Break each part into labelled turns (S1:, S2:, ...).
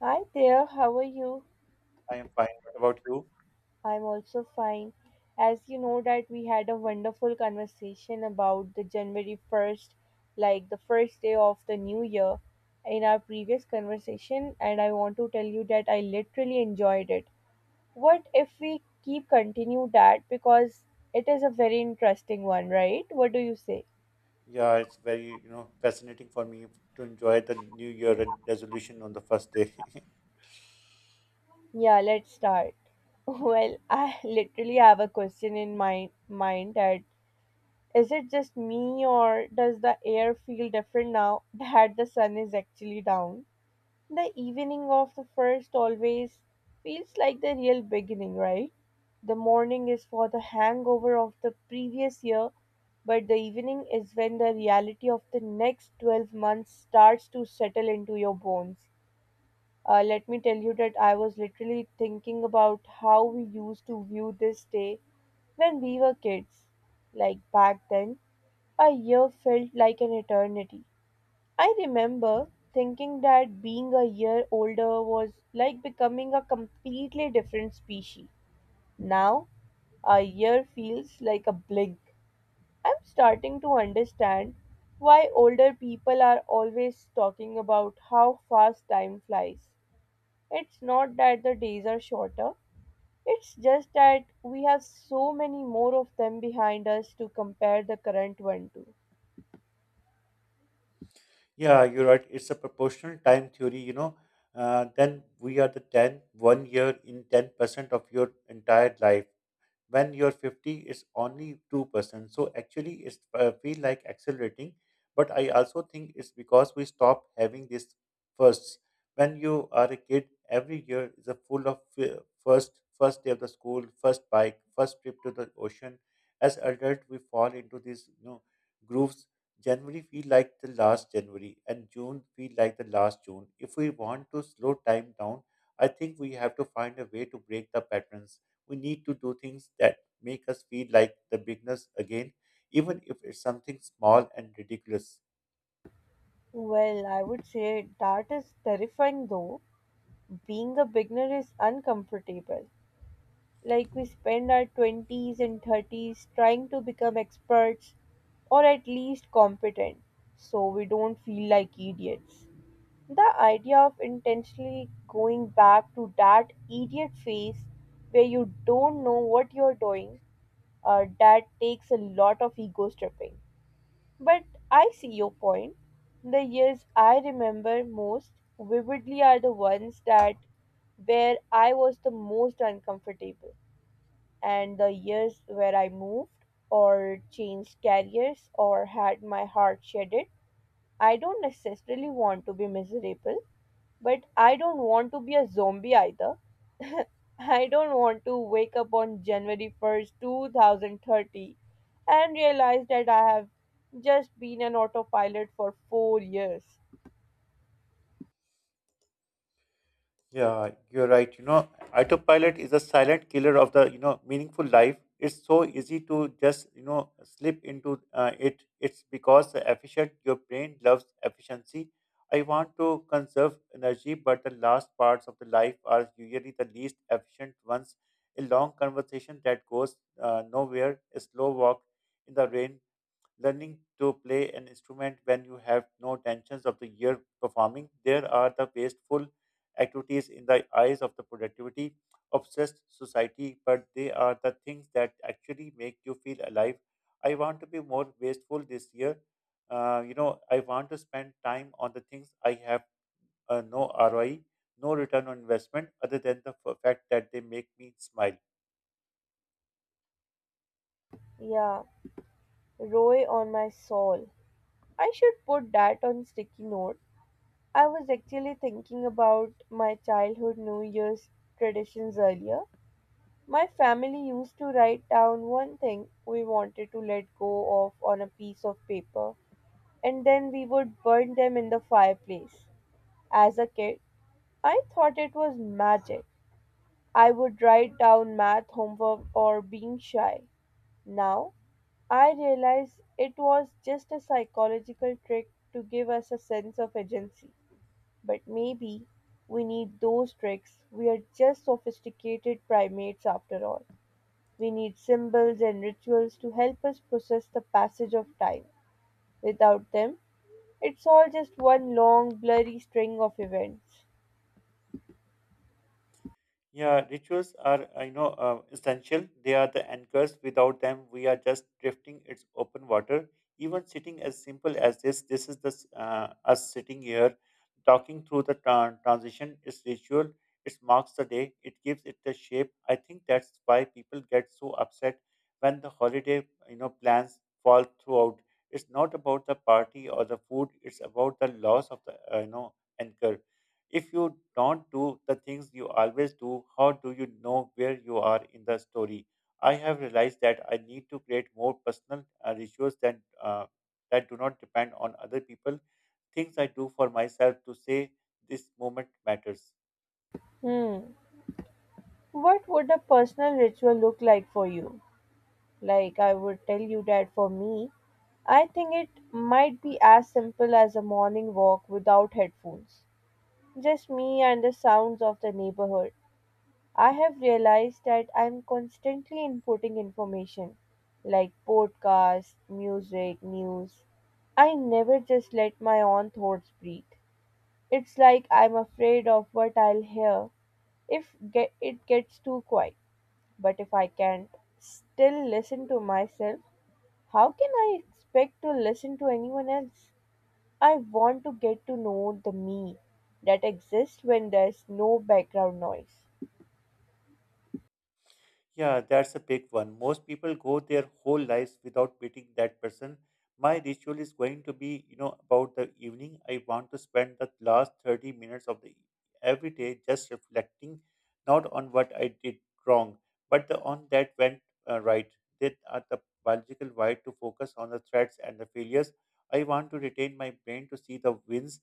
S1: Hi there, how are you?
S2: I am fine. What about you?
S1: I'm also fine. As you know that we had a wonderful conversation about the January 1st, like the first day of the new year in our previous conversation and I want to tell you that I literally enjoyed it. What if we keep continue that because it is a very interesting one, right? What do you say?
S2: Yeah, it's very fascinating for me to enjoy the New Year resolution on the first day.
S1: Yeah, let's start. Well, I literally have a question in my mind that Is it just me, or does the air feel different now that the sun is actually down? The evening of the first always feels like the real beginning, right? The morning is for the hangover of the previous year, but the evening is when the reality of the next 12 months starts to settle into your bones. Let me tell you that I was literally thinking about how we used to view this day when we were kids. Like back then, a year felt like an eternity. I remember thinking that being a year older was like becoming a completely different species. Now, a year feels like a blink. I'm starting to understand why older people are always talking about how fast time flies. It's not that the days are shorter, it's just that we have so many more of them behind us to compare the current one to.
S2: Yeah, you're right. It's a proportional time theory. Then we are the ten one year in 10% of your entire life. When you're 50, it's only 2%. So actually it's feel like accelerating, but I also think it's because we stop having this firsts when you are a kid. Every year is a full of first day of the school, first bike, first trip to the ocean. As adult we fall into these grooves. January feel like the last January, and June feel like the last June. If we want to slow time down, I think we have to find a way to break the patterns. We need to do things that make us feel like the beginners again, even if it's something small and ridiculous.
S1: Well, I would say that is terrifying though. Being a beginner is uncomfortable. Like we spend our 20s and 30s trying to become experts or at least competent so we don't feel like idiots. The idea of intentionally going back to that idiot phase where you don't know what you're doing, that takes a lot of ego stripping. But I see your point. The years I remember most vividly are the ones that where I was the most uncomfortable and the years where I moved or changed careers or had my heart shattered. I don't necessarily want to be miserable, but I don't want to be a zombie either. I don't want to wake up on January 1st, 2030 and realize that I have just been an autopilot for 4 years.
S2: Yeah, you're right. Autopilot is a silent killer of the meaningful life. It's so easy to just slip into it. It's because the efficient, your brain loves efficiency. I want to conserve energy, but the last parts of the life are usually the least efficient ones. A long conversation that goes nowhere, a slow walk in the rain learning to play an instrument when you have no tensions of the year performing. There are the wasteful activities in the eyes of the productivity obsessed society, but they are the things that actually make you feel alive. I want to be more wasteful this year. I want to spend time on the things I have no ROI, no return on investment, other than the fact that they make me smile.
S1: Yeah, Roy on my soul. I should put that on sticky note. I was actually thinking about my childhood New Year's traditions earlier. My family used to write down one thing we wanted to let go of on a piece of paper, and then we would burn them in the fireplace. As a kid, I thought it was magic. I would write down math homework or being shy. Now, I realize it was just a psychological trick to give us a sense of agency. But maybe we need those tricks, we're just sophisticated primates after all. We need symbols and rituals to help us process the passage of time. Without them, it's all just one long, blurry string of events.
S2: Yeah, rituals are essential. They are the anchors. Without them, we are just drifting. It's open water. Even sitting as simple as this, this is the us sitting here, talking through the transition. It's ritual. It marks the day. It gives it the shape. I think that's why people get so upset when the holiday plans fall throughout. It's not about the party or the food. It's about the loss of the anchor. If you don't do the things you always do, how do you know where you are in the story? I have realized that I need to create more personal rituals than that do not depend on other people. Things I do for myself to say this moment matters.
S1: Hmm. What would a personal ritual look like for you? Like, I would tell you that for me, I think it might be as simple as a morning walk without headphones. Just me and the sounds of the neighborhood. I have realized that I'm constantly inputting information like podcasts, music, news. I never just let my own thoughts breathe. It's like I'm afraid of what I'll hear if get, it gets too quiet. But if I can't still listen to myself, how can I expect to listen to anyone else? I want to get to know the me that exists when there's no background noise.
S2: Yeah, that's a big one. Most people go their whole lives without meeting that person. My ritual is going to be about the evening. I want to spend the last 30 minutes of the every day just reflecting, not on what I did wrong, but on that went right. That are the biological why to focus on the threats and the failures. I want to retain my brain to see the wins,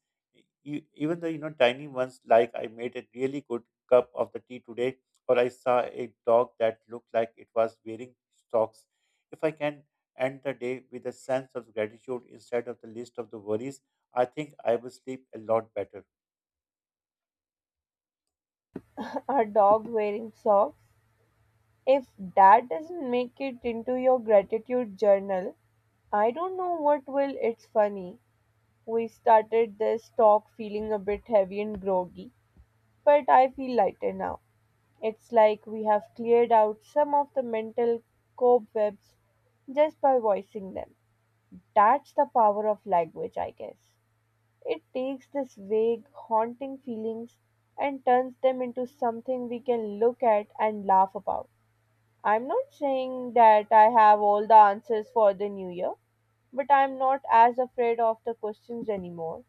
S2: even the tiny ones, like I made a really good cup of the tea today, or I saw a dog that looked like it was wearing socks. If I can end the day with a sense of gratitude instead of the list of the worries, I think I will sleep a lot better.
S1: A dog wearing socks If that doesn't make it into your gratitude journal, I don't know what will. It's funny. We started this talk feeling a bit heavy and groggy, but I feel lighter now. It's like we have cleared out some of the mental cobwebs just by voicing them. That's the power of language, I guess. It takes these vague, haunting feelings and turns them into something we can look at and laugh about. I'm not saying that I have all the answers for the new year, but I'm not as afraid of the questions anymore.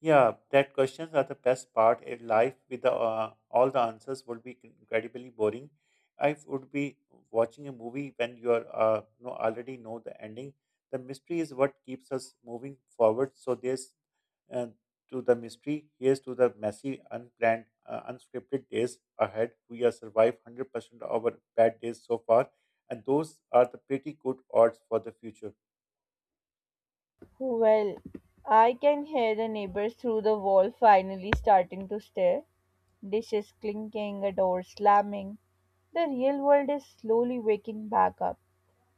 S2: Yeah, that questions are the best part. A life with the, all the answers would be incredibly boring. I would be watching a movie when you are already know the ending. The mystery is what keeps us moving forward. So there's uh, to the mystery. Here's to the messy, unplanned, unscripted days ahead. We have survived 100% of our bad days so far, and those are the pretty good odds for the future.
S1: Well, I can hear the neighbors through the wall finally starting to stare, dishes clinking, a door slamming. The real world is slowly waking back up,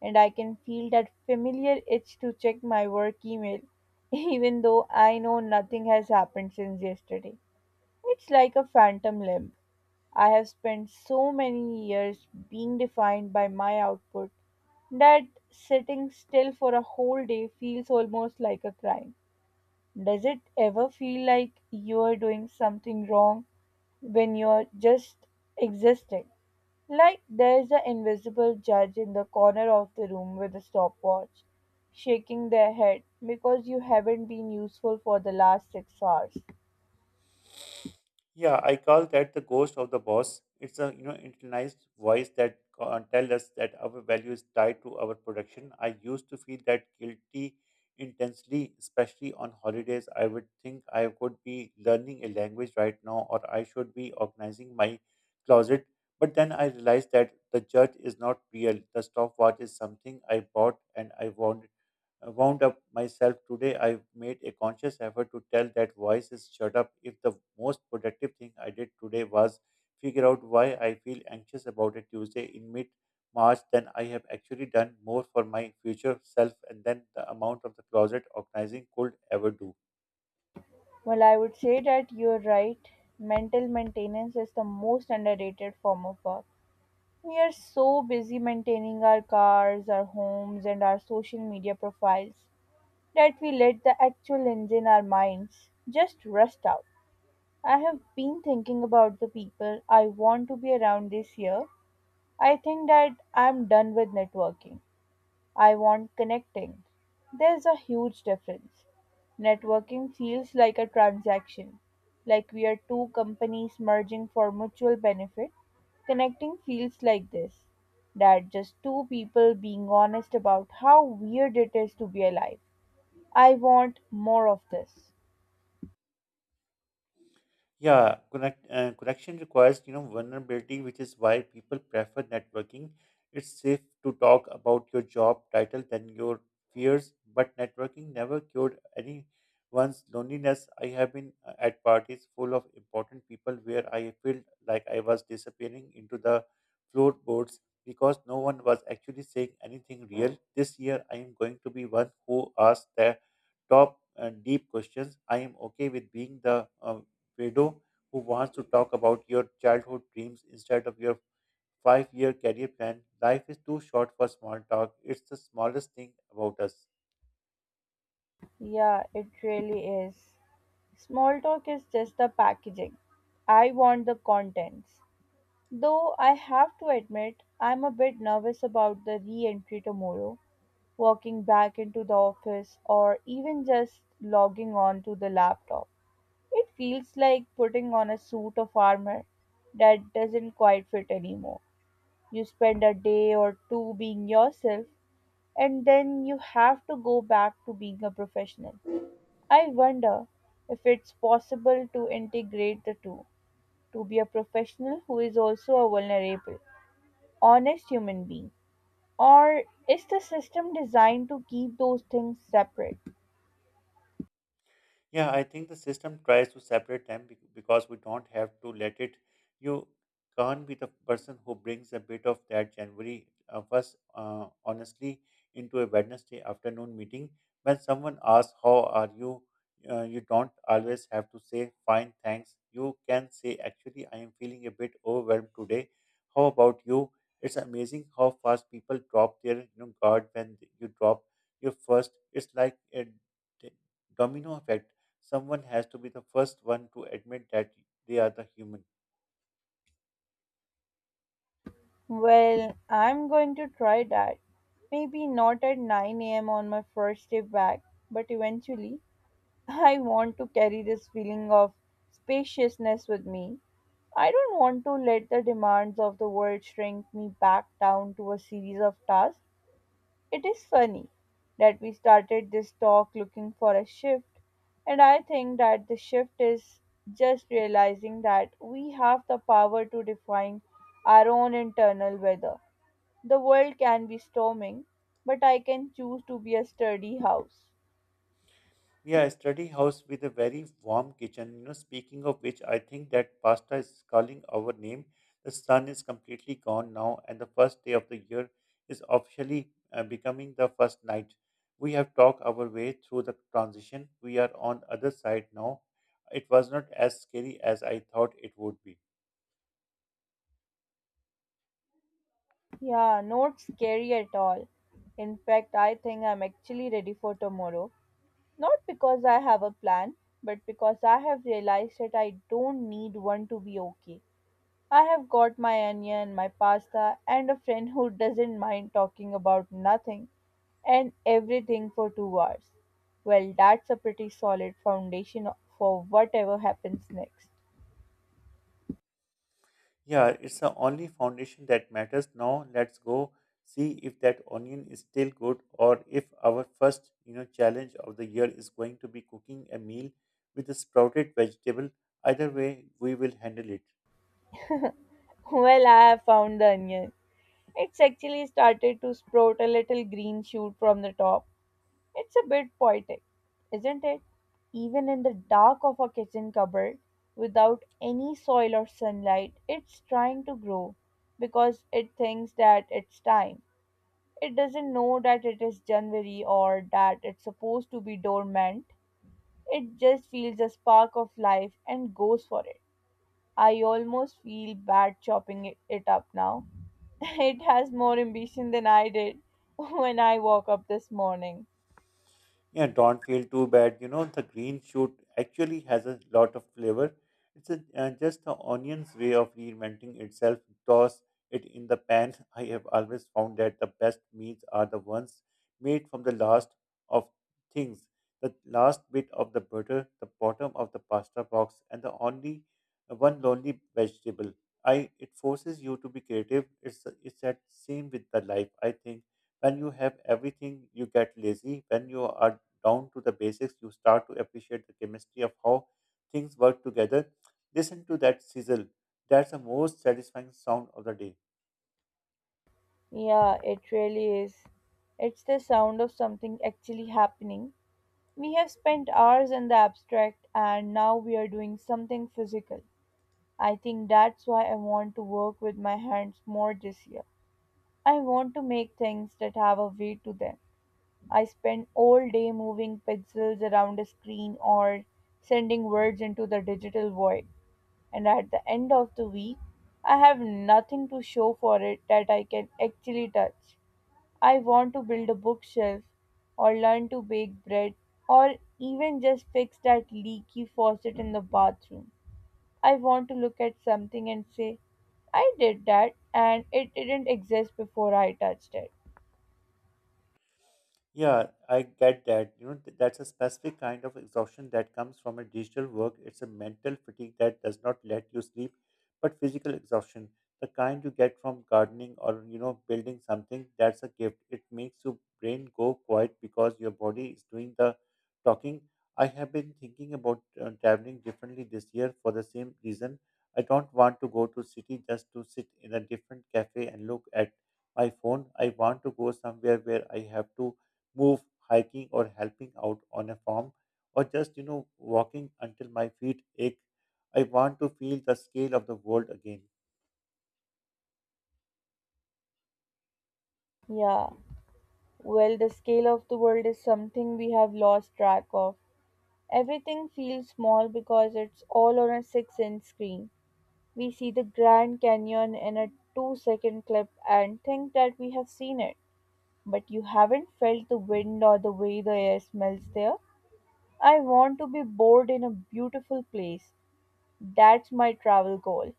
S1: and I can feel that familiar itch to check my work email, even though I know nothing has happened since yesterday. It's like a phantom limb. I have spent so many years being defined by my output that sitting still for a whole day feels almost like a crime. Does it ever feel like you are doing something wrong when you're just existing? Like there's an invisible judge in the corner of the room with a stopwatch, shaking their head because you haven't been useful for the last 6 hours.
S2: Yeah, I call that the ghost of the boss. It's a internalized voice that tell us that our value is tied to our production. I used to feel that guilty intensely, especially on holidays. I would think I could be learning a language right now, or I should be organizing my closet. But then I realized that the judge is not real. The stopwatch is something I bought and I wanted wound up myself today. I made a conscious effort to tell that voice is shut up. If the most productive thing I did today was figure out why I feel anxious about a Tuesday in mid March, then I have actually done more for my future self and than the amount of the closet organizing could ever do.
S1: Well, I would say that you're right. Mental maintenance is the most underrated form of work. We are so busy maintaining our cars, our homes, and our social media profiles that we let the actual engine, our minds, just rust out. I have been thinking about the people I want to be around this year. I think that I'm done with networking. I want connecting. There's a huge difference. Networking feels like a transaction, like we are two companies merging for mutual benefit. Connecting feels like this that just two people being honest about how weird it is to be alive. I want more of this.
S2: Yeah, connection requires vulnerability, which is why people prefer networking. It's safe to talk about your job title than your fears, but networking never cured anyone's loneliness. I have been at parties full of important people where I felt like I was disappearing into the floorboards because no one was actually saying anything real. This year, I am going to be one who asks top deep questions. I am okay with being the widow who wants to talk about your childhood dreams instead of your 5-year career plan. Life is too short for small talk. It's the smallest thing about us.
S1: Yeah, it really is. Small talk is just the packaging. I want the contents. Though I have to admit, I'm a bit nervous about the re entry tomorrow, walking back into the office, or even just logging on to the laptop. It feels like putting on a suit of armor that doesn't quite fit anymore. You spend a day or two being yourself, and then you have to go back to being a professional. I wonder if it's possible to integrate the two, to be a professional who is also a vulnerable honest human being? Or is the system designed to keep those things separate?
S2: Yeah, I think the system tries to separate them because we don't have to let it. You can't be the person who brings a bit of that January of us, honestly, into a Wednesday afternoon meeting. When someone asks, "How are you?" You don't always have to say, "Fine, thanks." You can say, "Actually, I am feeling a bit overwhelmed today. How about you?" It's amazing how fast people drop their guard when you drop your first. It's like a domino effect. Someone has to be the first one to admit that they are the human.
S1: Well, I'm going to try that. Maybe not at 9 a.m. on my first day back, but eventually I want to carry this feeling of spaciousness with me. I don't want to let the demands of the world shrink me back down to a series of tasks. It is funny that we started this talk looking for a shift, and I think that the shift is just realizing that we have the power to define our own internal weather. The world can be storming, but I can choose to be a sturdy house.
S2: Yeah, a study house with a very warm kitchen. Speaking of which, I think that pasta is calling our name. The sun is completely gone now, and the first day of the year is officially becoming the first night. We have talked our way through the transition. We are on other side now. It was not as scary as I thought it would be.
S1: Yeah, not scary at all. In fact, I think I'm actually ready for tomorrow. Not because I have a plan, but because I have realized that I don't need one to be okay. I have got my onion, my pasta, and a friend who doesn't mind talking about nothing and everything for 2 hours. Well, that's a pretty solid foundation for whatever happens next.
S2: Yeah, it's the only foundation that matters. Now let's go see if that onion is still good, or if our first challenge of the year is going to be cooking a meal with a sprouted vegetable. Either way, we will handle it.
S1: Well, I have found the onion. It's actually started to sprout a little green shoot from the top. It's a bit poetic, isn't it? Even in the dark of a kitchen cupboard, without any soil or sunlight, it's trying to grow because it thinks that it's time. It doesn't know that it is January or that it's supposed to be dormant. It just feels a spark of life and goes for it. I almost feel bad chopping it up now. It has more ambition than I did when I woke up this morning.
S2: Yeah, don't feel too bad. The green shoot actually has a lot of flavor. It's just the onion's way of reinventing itself. Toss it in the pan. I have always found that the best meals are the ones made from the last of things. The last bit of the butter, the bottom of the pasta box, and the only one lonely vegetable. I it forces you to be creative. It's that same with the life. I think when you have everything you get lazy. When you are down to the basics, you start to appreciate the chemistry of how things work together. Listen to that sizzle. That's the most satisfying sound of the day.
S1: Yeah, it really is. It's the sound of something actually happening. We have spent hours in the abstract and now we are doing something physical. I think that's why I want to work with my hands more this year. I want to make things that have a weight to them. I spend all day moving pixels around a screen or sending words into the digital void. And at the end of the week, I have nothing to show for it that I can actually touch. I want to build a bookshelf or learn to bake bread or even just fix that leaky faucet in the bathroom. I want to look at something and say, I did that and it didn't exist before I touched it.
S2: Yeah, I get that. That's a specific kind of exhaustion that comes from a digital work. It's a mental fatigue that does not let you sleep, but physical exhaustion, the kind you get from gardening or building something, that's a gift. It makes your brain go quiet because your body is doing the talking. I have been thinking about traveling differently this year for the same reason. I don't want to go to city just to sit in a different cafe and look at my phone. I want to go somewhere where I have to move, hiking, or helping out on a farm, or just walking until my feet ache. I want to feel the scale of the world again.
S1: Yeah. Well, the scale of the world is something we have lost track of. Everything feels small because it's all on a 6-inch inch screen. We see the Grand Canyon in a 2-second clip and think that we have seen it. But you haven't felt the wind or the way the air smells there. I want to be bored in a beautiful place, that's my travel goal: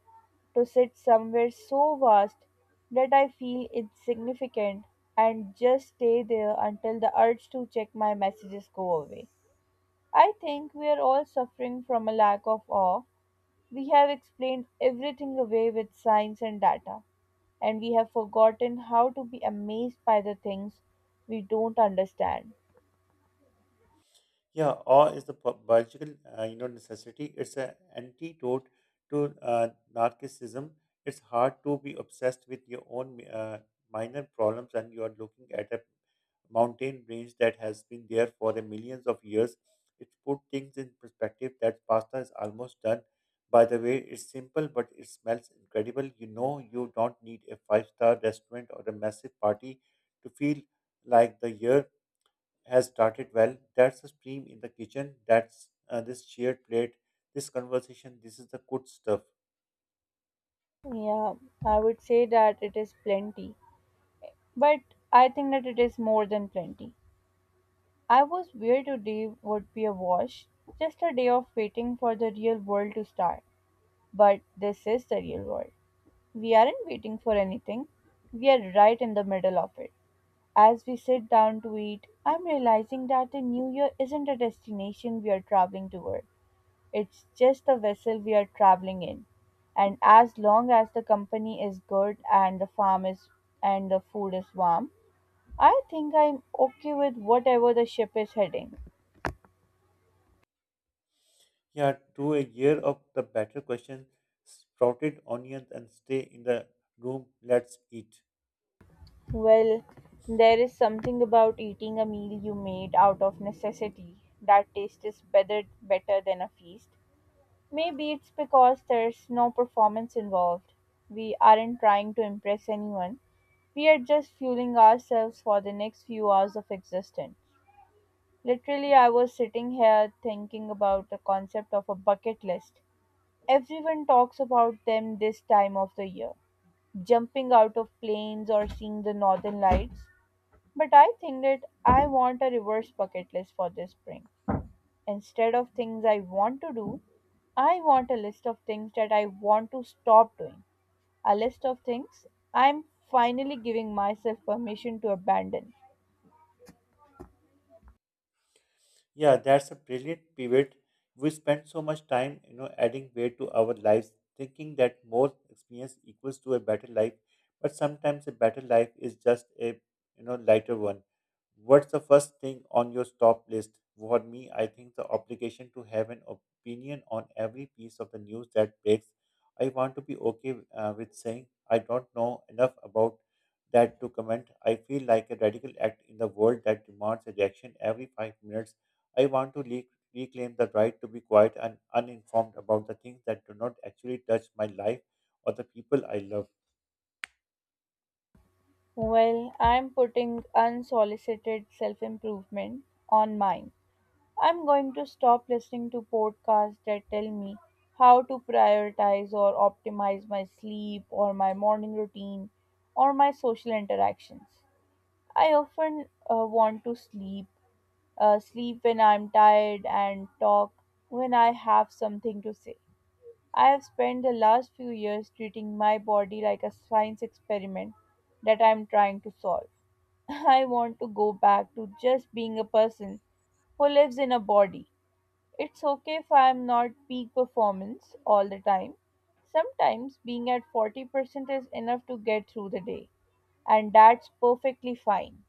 S1: to sit somewhere so vast that I feel insignificant and just stay there until the urge to check my messages go away. I think we are all suffering from a lack of awe. We have explained everything away with science and data, and we have forgotten how to be amazed by the things we don't understand.
S2: Yeah, awe is the biological, necessity. It's an antidote to narcissism. It's hard to be obsessed with your own minor problems, and you are looking at a mountain range that has been there for the millions of years. It put things in perspective. That pasta is almost done. By the way, it's simple, but it smells incredible. You don't need a five-star restaurant or a massive party to feel like the year has started well. That's the steam in the kitchen. That's this shared plate. This conversation. This is the good stuff.
S1: Yeah, I would say that it is plenty, but I think that it is more than plenty. I was where today would be a wash, just a day of waiting for the real world to start. But this is the real world. We aren't waiting for anything, we are right in the middle of it. As we sit down to eat, I'm realizing that the new year isn't a destination we are traveling toward. It's just the vessel we are traveling in. And as long as the company is good and the farm is and the food is warm, I think I'm okay with whatever the ship is heading.
S2: Yeah, to a year of the better question, sprouted onions and stay in the room. Let's eat.
S1: Well, there is something about eating a meal you made out of necessity that taste is better than a feast. Maybe it's because there's no performance involved. We aren't trying to impress anyone. We are just fueling ourselves for the next few hours of existence. Literally, I was sitting here thinking about the concept of a bucket list. Everyone talks about them this time of the year. Jumping out of planes or seeing the northern lights. But I think that I want a reverse bucket list for this spring. Instead of things I want to do, I want a list of things that I want to stop doing. A list of things I'm finally giving myself permission to abandon.
S2: Yeah, that's a brilliant pivot. We spend so much time adding weight to our lives, thinking that more experience equals to a better life. But sometimes a better life is just a lighter one. What's the first thing on your stop list? For me, I think the obligation to have an opinion on every piece of the news that breaks. I want to be okay with saying I don't know enough about that to comment. I feel like a radical act in the world that demands a reaction every 5 minutes. I want to le- Reclaim the right to be quiet and uninformed about the things that do not actually touch my life or the people I love.
S1: Well, I'm putting unsolicited self improvement on mine. I'm going to stop listening to podcasts that tell me how to prioritize or optimize my sleep or my morning routine or my social interactions. I often want to sleep when I'm tired, and talk when I have something to say. I have spent the last few years treating my body like a science experiment that I'm trying to solve. I want to go back to just being a person who lives in a body. It's okay if I'm not peak performance all the time. Sometimes being at 40% is enough to get through the day, and that's perfectly fine.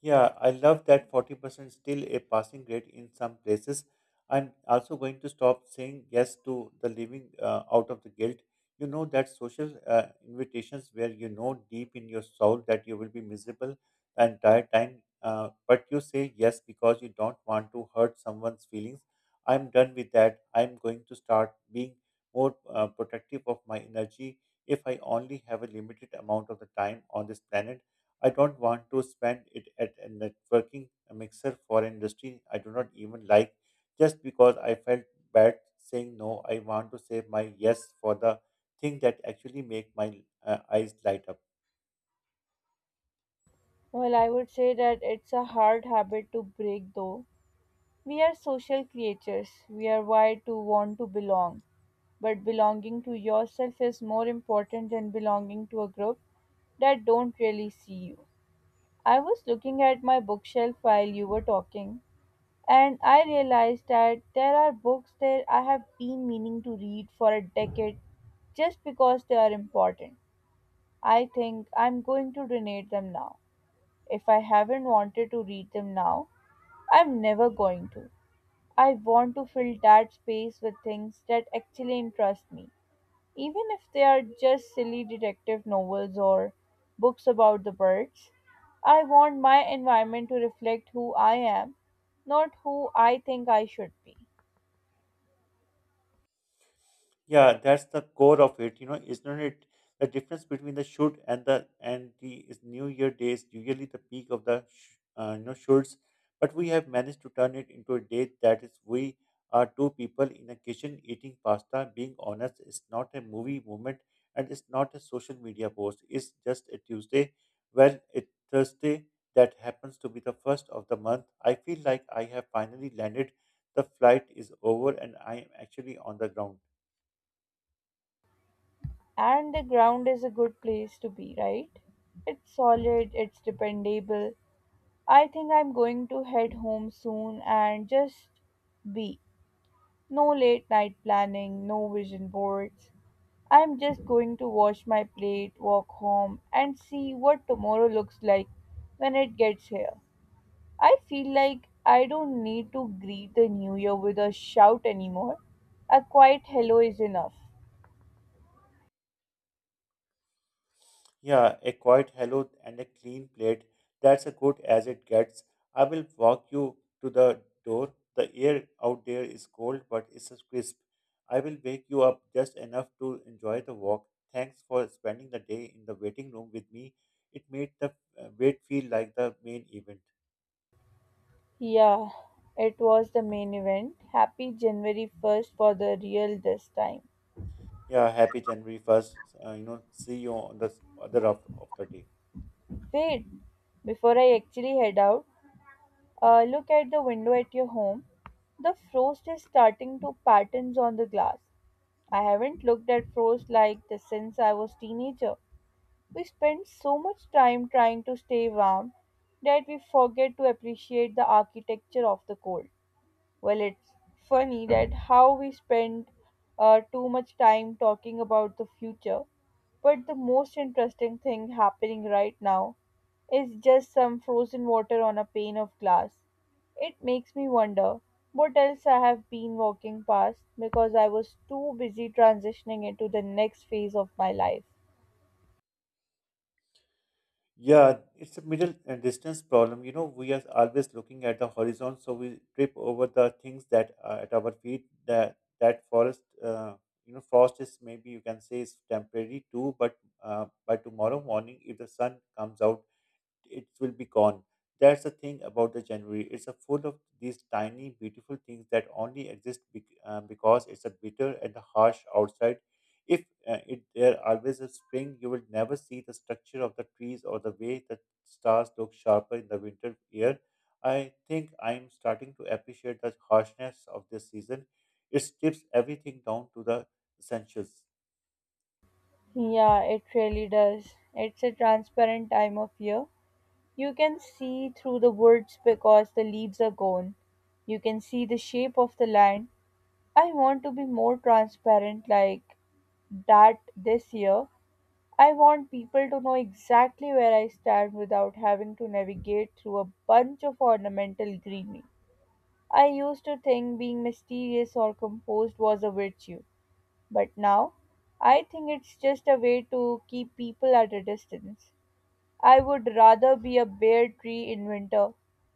S2: Yeah, I love that 40% still a passing grade in some places. I'm also going to stop saying yes to the living out of the guilt. You know that social invitations where you know deep in your soul that you will be miserable the entire time, but you say yes because you don't want to hurt someone's feelings. I'm done with that. I'm going to start being more protective of my energy if I only have a limited amount of the time on this planet. I don't want to spend it at a networking mixer for industry I do not even like just because I felt bad saying no. I want to save my yes for the thing that actually make my eyes light up.
S1: Well, I would say that it's a hard habit to break though. We are social creatures. We are wired to want to belong. But belonging to yourself is more important than belonging to a group that don't really see you. I was looking at my bookshelf while you were talking, and I realized that there are books that I have been meaning to read for a decade just because they are important. I think I'm going to donate them now. If I haven't wanted to read them now, I'm never going to. I want to fill that space with things that actually interest me, even if they are just silly detective novels or books about the birds. I want my environment to reflect who I am, not who I think I should be.
S2: Yeah, that's the core of it. You know, isn't it the difference between the shoot and the is New Year day is usually the peak of the you know shoots, but we have managed to turn it into a day that is we are two people in a kitchen eating pasta. Being honest, it's not a movie moment and it's not a social media post. It's just a Tuesday. Well, a Thursday that happens to be the first of the month. I feel like I have finally landed. The flight is over and I am actually on the ground.
S1: And the ground is a good place to be, right? It's solid, it's dependable. I think I'm going to head home soon and just be. No late night planning, no vision boards. I'm just going to wash my plate, walk home, and see what tomorrow looks like when it gets here. I feel like I don't need to greet the new year with a shout anymore. A quiet hello is enough.
S2: Yeah, a quiet hello and a clean plate. That's as good as it gets. I will walk you to the door. The air out there is cold, but it's crisp. I will wake you up just enough to enjoy the walk. Thanks for spending the day in the waiting room with me. It made the wait feel like the main event.
S1: Yeah, it was the main event. Happy January 1st for the real this time.
S2: Yeah, happy January 1st. You know, see you on the other half of the day.
S1: Wait, before I actually head out, look at the window at your home. The frost is starting to patterns on the glass. I haven't looked at frost like this since I was teenager. We spend so much time trying to stay warm that we forget to appreciate the architecture of the cold. Well, it's funny that how we spend too much time talking about the future, but the most interesting thing happening right now is just some frozen water on a pane of glass. It makes me wonder what else I have been walking past because I was too busy transitioning into the next phase of my life.
S2: Yeah, it's a middle and distance problem. You know, we are always looking at the horizon, so we trip over the things that are at our feet. That forest, you know, frost is maybe you can say is temporary too, but by tomorrow morning, if the sun comes out it will be gone. That's the thing about the January. It's a full of these tiny, beautiful things that only exist because it's a bitter and a harsh outside. If it, there always a spring, you will never see the structure of the trees or the way the stars look sharper in the winter year. I think I'm starting to appreciate the harshness of this season. It strips everything down to the essentials.
S1: Yeah, it really does. It's a transparent time of year. You can see through the woods because the leaves are gone. You can see the shape of the land. I want to be more transparent like that this year. I want people to know exactly where I stand without having to navigate through a bunch of ornamental greenery. I used to think being mysterious or composed was a virtue, but now I think it's just a way to keep people at a distance. I would rather be a bare tree in winter,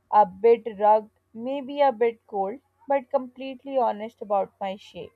S1: a bit rugged, maybe a bit cold, but completely honest about my shape.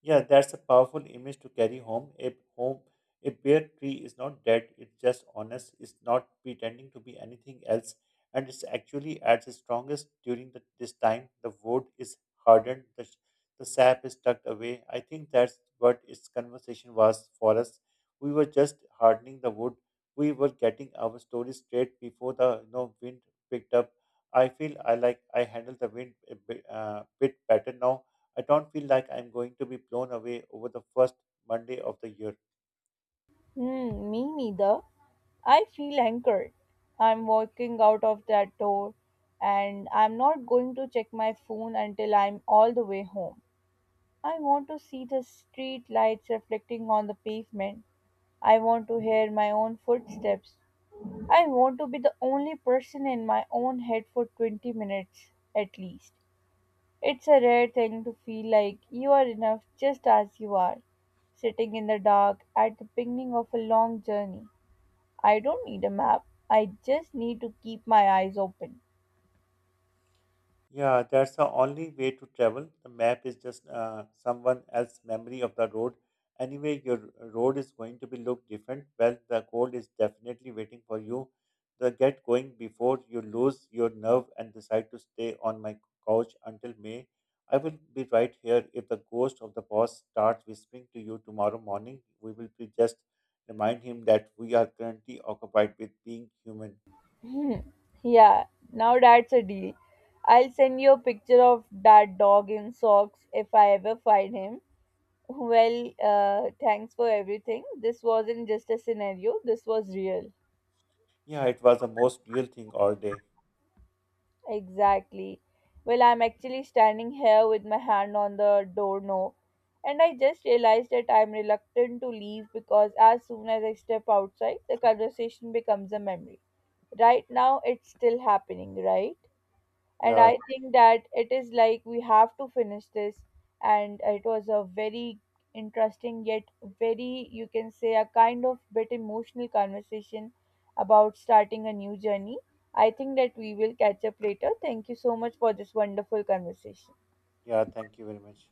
S2: Yeah, that's a powerful image to carry home. A home, a bare tree is not dead. It's just honest. It's not pretending to be anything else, and it's actually at its strongest during this time. The wood is hardened. The sap is tucked away. I think that's what its conversation was for us. We were just hardening the wood. We were getting our story straight before the wind picked up. I feel I like I handle the wind a bit better now. I don't feel like I'm going to be blown away over the first Monday of the year.
S1: Hmm, me neither. I feel anchored. I'm walking out of that door and I'm not going to check my phone until I'm all the way home. I want to see the street lights reflecting on the pavement. I want to hear my own footsteps. I want to be the only person in my own head for 20 minutes at least. It's a rare thing to feel like you are enough just as you are, sitting in the dark at the beginning of a long journey. I don't need a map, I just need to keep my eyes open.
S2: Yeah, that's the only way to travel. The map is just someone else's memory of the road. Anyway, your road is going to be look different. Well, the cold is definitely waiting for you. The get going before you lose your nerve and decide to stay on my couch until May. I will be right here if the ghost of the boss starts whispering to you tomorrow morning. We will be just remind him that we are currently occupied with being human.
S1: Hmm. Yeah, now that's a deal. I'll send you a picture of that dog in socks if I ever find him. Well, thanks for everything. This wasn't just a scenario, this was real.
S2: Yeah, it was the most real thing all day.
S1: Exactly. Well, I'm actually standing here with my hand on the doorknob, and I just realized that I'm reluctant to leave because as soon as I step outside, the conversation becomes a memory. Right now, it's still happening, right? And
S2: Yeah,
S1: I think that it is like we have to finish this, and it was a very interesting, yet very, you can say, a kind of bit emotional conversation about starting a new journey. I think that we will catch up later. Thank you so much for this wonderful conversation.
S2: Yeah, thank you very much.